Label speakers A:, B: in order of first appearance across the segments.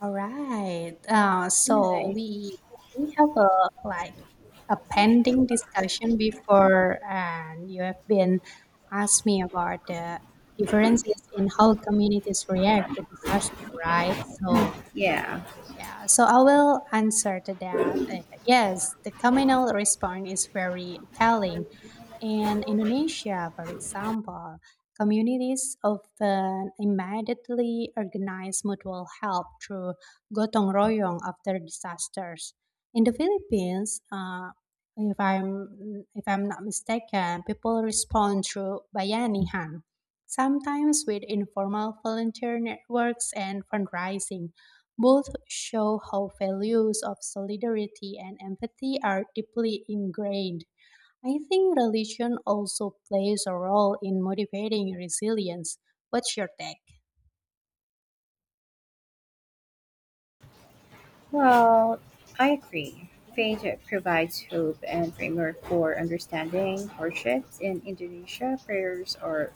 A: All right. So
B: Nice.
A: we have a like a pending discussion before, and you have been asked me about the differences in how communities react to disaster, right? So
B: Yeah.
A: yeah, so I will answer to that. Yes, the communal response is very telling. In Indonesia, for example, communities often immediately organize mutual help through gotong royong after disasters. In the Philippines, if I'm not mistaken, people respond through bayanihan, sometimes with informal volunteer networks and fundraising. Both show how values of solidarity and empathy are deeply ingrained. I think religion also plays a role in motivating resilience. What's your take?
B: Well, I agree. Faith provides hope and framework for understanding hardships in Indonesia. Prayers are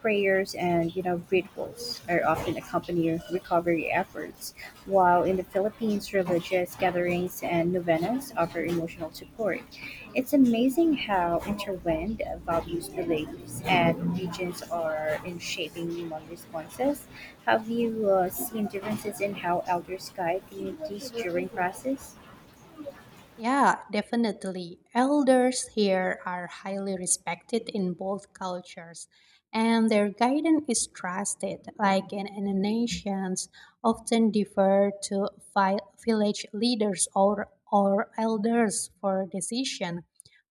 B: prayers and rituals are often accompanying recovery efforts, while in the Philippines religious gatherings and novenas offer emotional support. It's amazing how intertwined values, beliefs, and regions are in shaping human responses. Have you seen differences in how elders guide communities during crisis?
A: Yeah, definitely. Elders here are highly respected in both cultures, and their guidance is trusted, like in nations often defer to village leaders or elders for decision,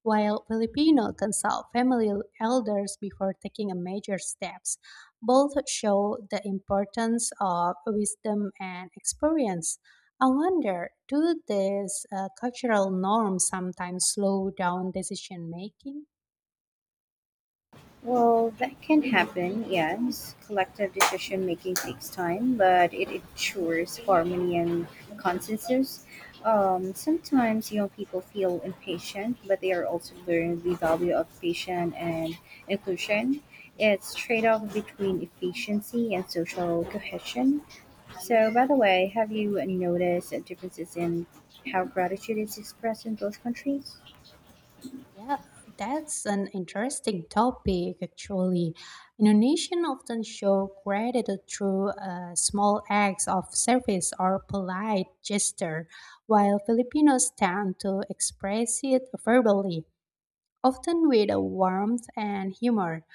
A: while Filipino consult family elders before taking a major steps. Both show the importance of wisdom and experience. I wonder, do these cultural norms sometimes slow down decision making?
B: Well, that can happen, yes. Collective decision making takes time, but it ensures harmony and consensus. Sometimes young people feel impatient, but they are also learning the value of patience and inclusion. It's trade off between efficiency and social cohesion. So, by the way, have you noticed differences in how gratitude is expressed in both countries?
A: Yeah, that's an interesting topic actually. Indonesians often show gratitude through small acts of service or polite gesture, while Filipinos tend to express it verbally, often with a warmth and humor.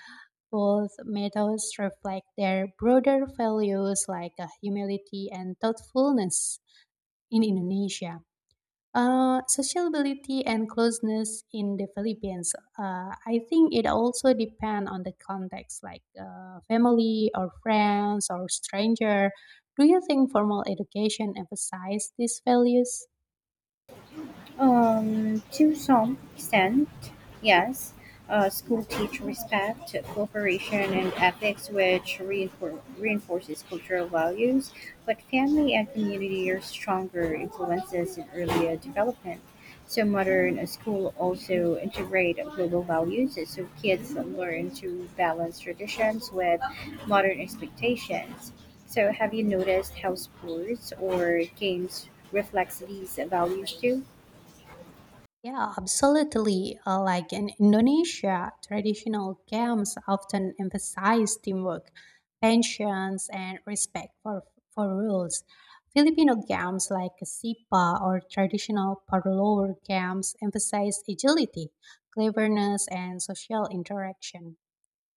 A: Both methods reflect their broader values like humility and thoughtfulness in Indonesia. Sociability and closeness in the Philippines. I think it also depends on the context, like family or friends or stranger. Do you think formal education emphasizes these values?
B: To some extent, yes. School teach respect, cooperation, and ethics, which reinforces cultural values. But family and community are stronger influences in earlier development. So modern school also integrate global values, so kids learn to balance traditions with modern expectations. So have you noticed how sports or games reflects these values too?
A: Yeah, absolutely. Like in Indonesia, traditional games often emphasize teamwork, patience, and respect for rules. Filipino games like Sipa or traditional parlor games emphasize agility, cleverness, and social interaction.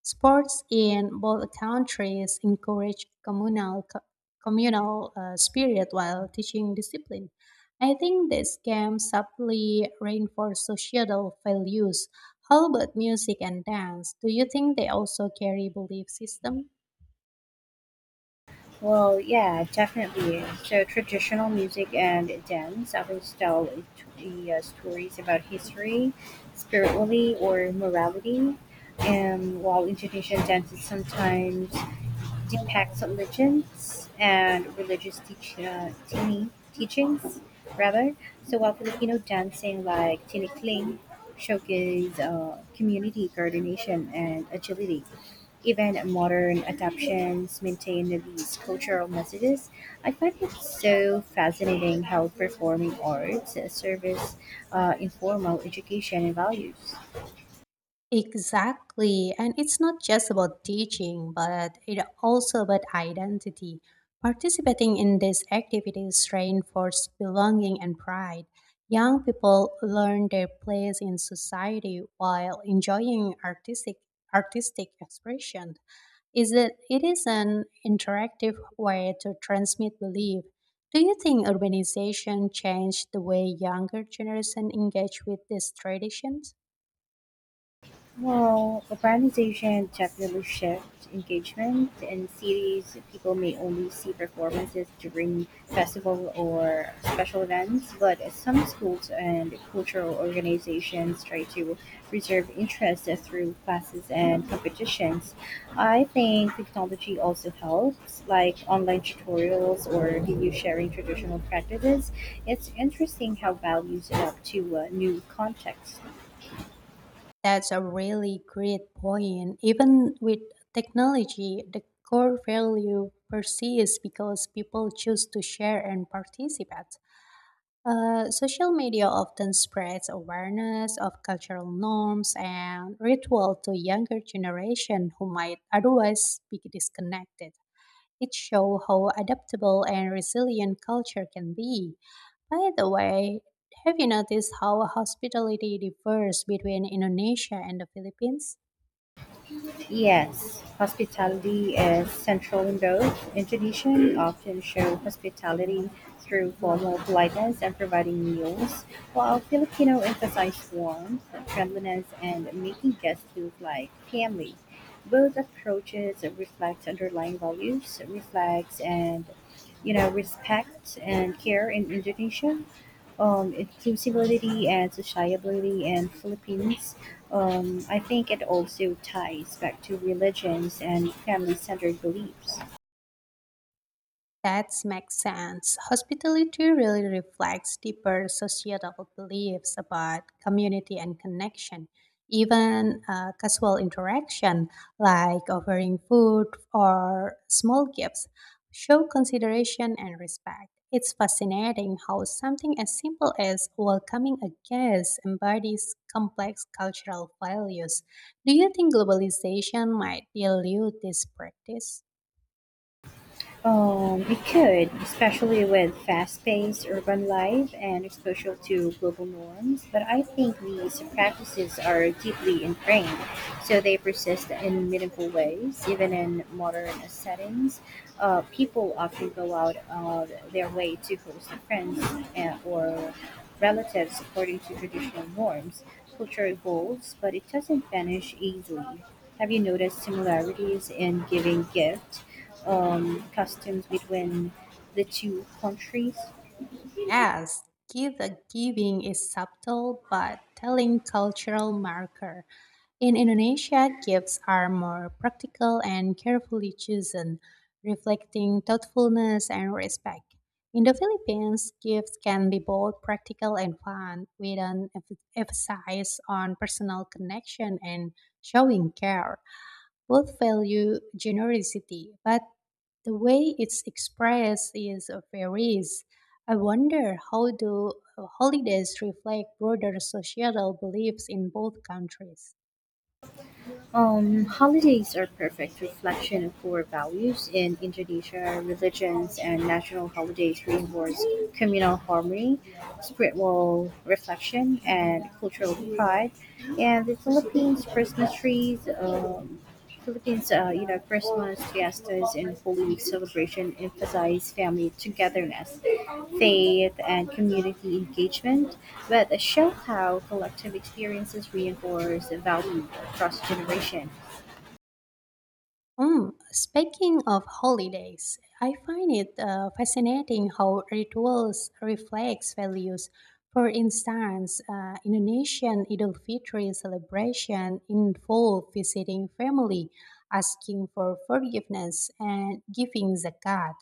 A: Sports in both countries encourage communal spirit while teaching discipline. I think these games subtly reinforce societal values. How about music and dance? Do you think they also carry belief system?
B: Well, yeah, definitely. So traditional music and dance often tell stories about history, spirituality, or morality. And while Indonesian dances sometimes impacts on religions and religious teachings, rather. So while Filipino dancing like tinikling showcase community coordination and agility, even modern adaptations maintain these cultural messages. I find it so fascinating how performing arts serves informal education and values.
A: Exactly. And it's not just about teaching, but it also about identity. Participating in these activities reinforces belonging and pride. Young people learn their place in society while enjoying artistic expression. Is that it is an interactive way to transmit belief. Do you think urbanization changed the way younger generation engage with these traditions?
B: Well, urbanization definitely shifts engagement. In cities, people may only see performances during festival or special events, but some schools and cultural organizations try to preserve interest through classes and competitions. I think technology also helps, like online tutorials or video sharing traditional practices. It's interesting how values adapt to new contexts.
A: That's a really great point. Even with technology, the core value persists because people choose to share and participate. Social media often spreads awareness of cultural norms and ritual to younger generation who might otherwise be disconnected. It shows how adaptable and resilient culture can be. By the way, have you noticed how hospitality differs between Indonesia and the Philippines?
B: Yes, hospitality is central in both. Indonesian often show hospitality through formal politeness and providing meals, while Filipino emphasize warmth, friendliness, and making guests feel like family. Both approaches reflect underlying values, reflects and respect and care in Indonesia, inclusivity and sociability in Philippines. I think it also ties back to religions and family-centered beliefs.
A: That makes sense. Hospitality really reflects deeper societal beliefs about community and connection. Even casual interaction, like offering food or small gifts, show consideration and respect. It's fascinating how something as simple as welcoming a guest embodies complex cultural values. Do you think globalization might dilute this practice?
B: It could, especially with fast-paced urban life and exposure to global norms. But I think these practices are deeply ingrained, so they persist in meaningful ways, even in modern settings. People often go out of their way to host friends and, or relatives according to traditional norms. Culture evolves, but it doesn't vanish easily. Have you noticed similarities in giving gift customs between the two countries?
A: Yes, gift giving is subtle but telling cultural marker. In Indonesia, gifts are more practical and carefully chosen, reflecting thoughtfulness and respect. In the Philippines, gifts can be both practical and fun, with an emphasis on personal connection and showing care. Both value generosity, but the way it's expressed is varies. I wonder how do holidays reflect broader societal beliefs in both countries.
B: Holidays are perfect reflection of core values in Indonesia. Religions and national holidays reinforce communal harmony, spiritual reflection, and cultural pride. And the Philippines Christmas trees, Philippines, Christmas fiestas and Holy Week celebration emphasize family togetherness, faith, and community engagement, but show how collective experiences reinforce value across generation.
A: Mm, speaking of holidays, I find it fascinating how rituals reflects values. For instance, Indonesian Idul Fitri celebration involve visiting family, asking for forgiveness, and giving zakat.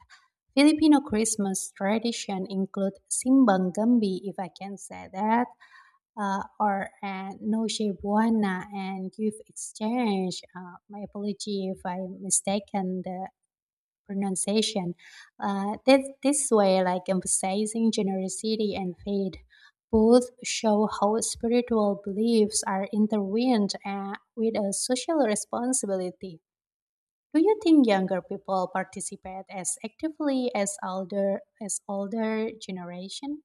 A: Filipino Christmas tradition include simbang gambi, if I can say that, or noche buena, and you exchange. My apology if I mistaken the pronunciation. This way, like emphasizing generosity and faith, both show how spiritual beliefs are intertwined with a social responsibility. Do you think younger people participate as actively as older generation?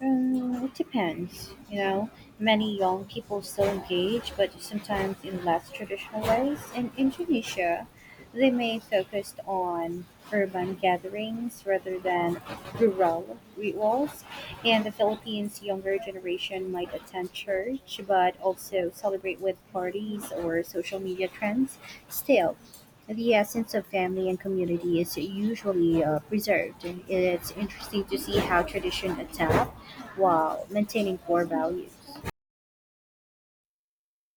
B: Mm, it depends. You know, many young people still engage, but sometimes in less traditional ways. In Indonesia, they may focus on urban gatherings rather than rural rituals. In the Philippines, younger generation might attend church, but also celebrate with parties or social media trends. Still, the essence of family and community is usually preserved. It's interesting to see how tradition adapt while maintaining core values.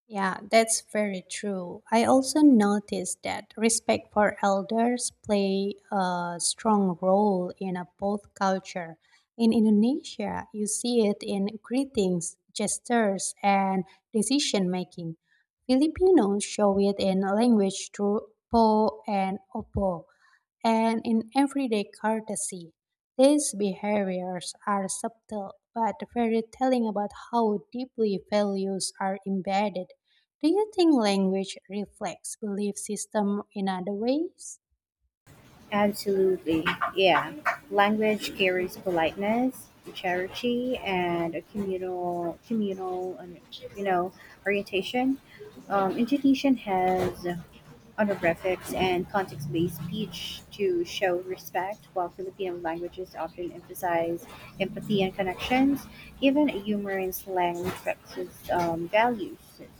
A: Yeah, that's very true. I also noticed that respect for elders play a strong role in a both culture. In Indonesia, you see it in greetings, gestures, and decision making. Filipinos show it in language through po and opo, and in everyday courtesy. These behaviors are subtle but very telling about how deeply values are embedded. Do you think language reflects belief system in other ways?
B: Absolutely, yeah. Language carries politeness, charity, and a communal, you know, orientation. Indonesian has honorifics, and context-based speech to show respect, while Filipino languages often emphasize empathy and connections. Even humor and slang reflects its values,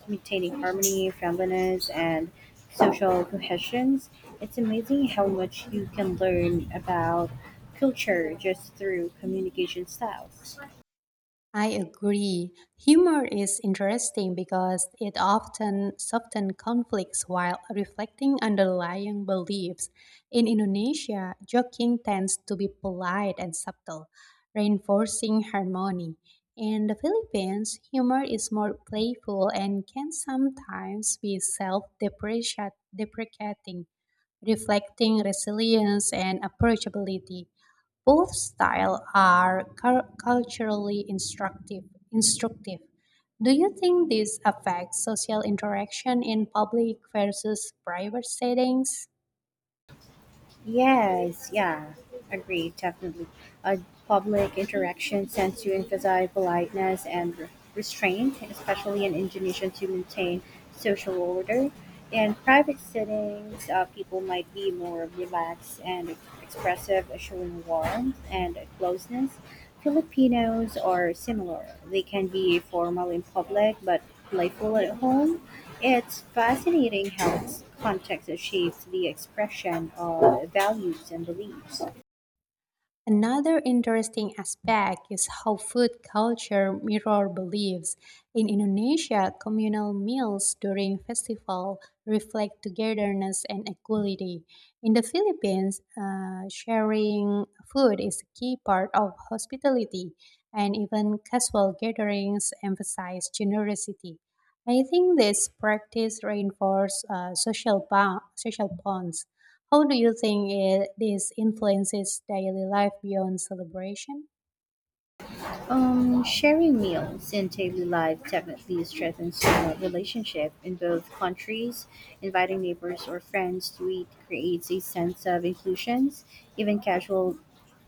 B: maintaining harmony, friendliness, and social cohesions. It's amazing how much you can learn about culture just through communication styles.
A: I agree. Humor is interesting because it often softens conflicts while reflecting underlying beliefs. In Indonesia, joking tends to be polite and subtle, reinforcing harmony. In the Philippines, humor is more playful and can sometimes be self deprecating, reflecting resilience and approachability. Both styles are culturally instructive. Instructive. Do you think this affects social interaction in public versus private settings?
B: Yes, yeah, agreed, definitely. Uh, Public interaction tends to emphasize politeness and restraint, especially in Indonesian to maintain social order. In private settings, people might be more relaxed and expressive, showing warmth and closeness. Filipinos are similar. They can be formal in public but playful at home. It's fascinating how context shapes the expression of values and beliefs.
A: Another interesting aspect is how food culture mirror beliefs. In Indonesia, communal meals during festival reflect togetherness and equality. In the Philippines, sharing food is a key part of hospitality, and even casual gatherings emphasize generosity. I think this practice reinforces social bonds. How do you think it, this influences daily life beyond celebration?
B: Sharing meals in daily life definitely strengthens the relationship in both countries. Inviting neighbors or friends to eat creates a sense of inclusion. Even casual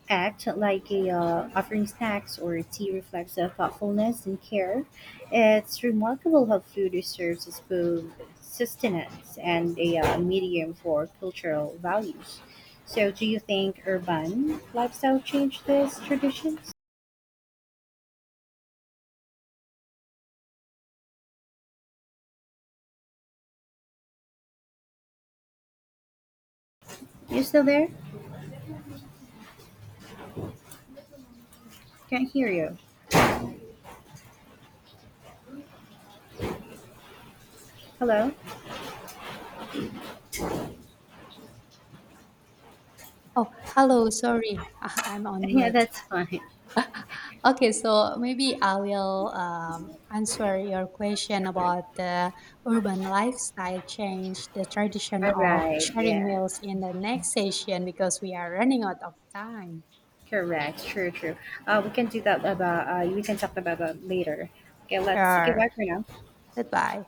B: act like offering snacks or tea reflects a thoughtfulness and care. It's remarkable how food serves as both sustenance and a medium for cultural values. So, do you think urban lifestyle changed these traditions? You still there? Can't hear you. Hello?
A: Oh, hello, sorry, I'm on
B: Yeah,
A: mute.
B: that's fine.
A: Okay, so maybe I will answer your question about the urban lifestyle change, the tradition
B: All
A: of
B: right.
A: sharing
B: Yeah.
A: meals in the next session because we are running out of time.
B: Correct. True, true. We can do that about, we can talk about that later. Okay, let's goodbye
A: Sure,
B: for now.
A: goodbye.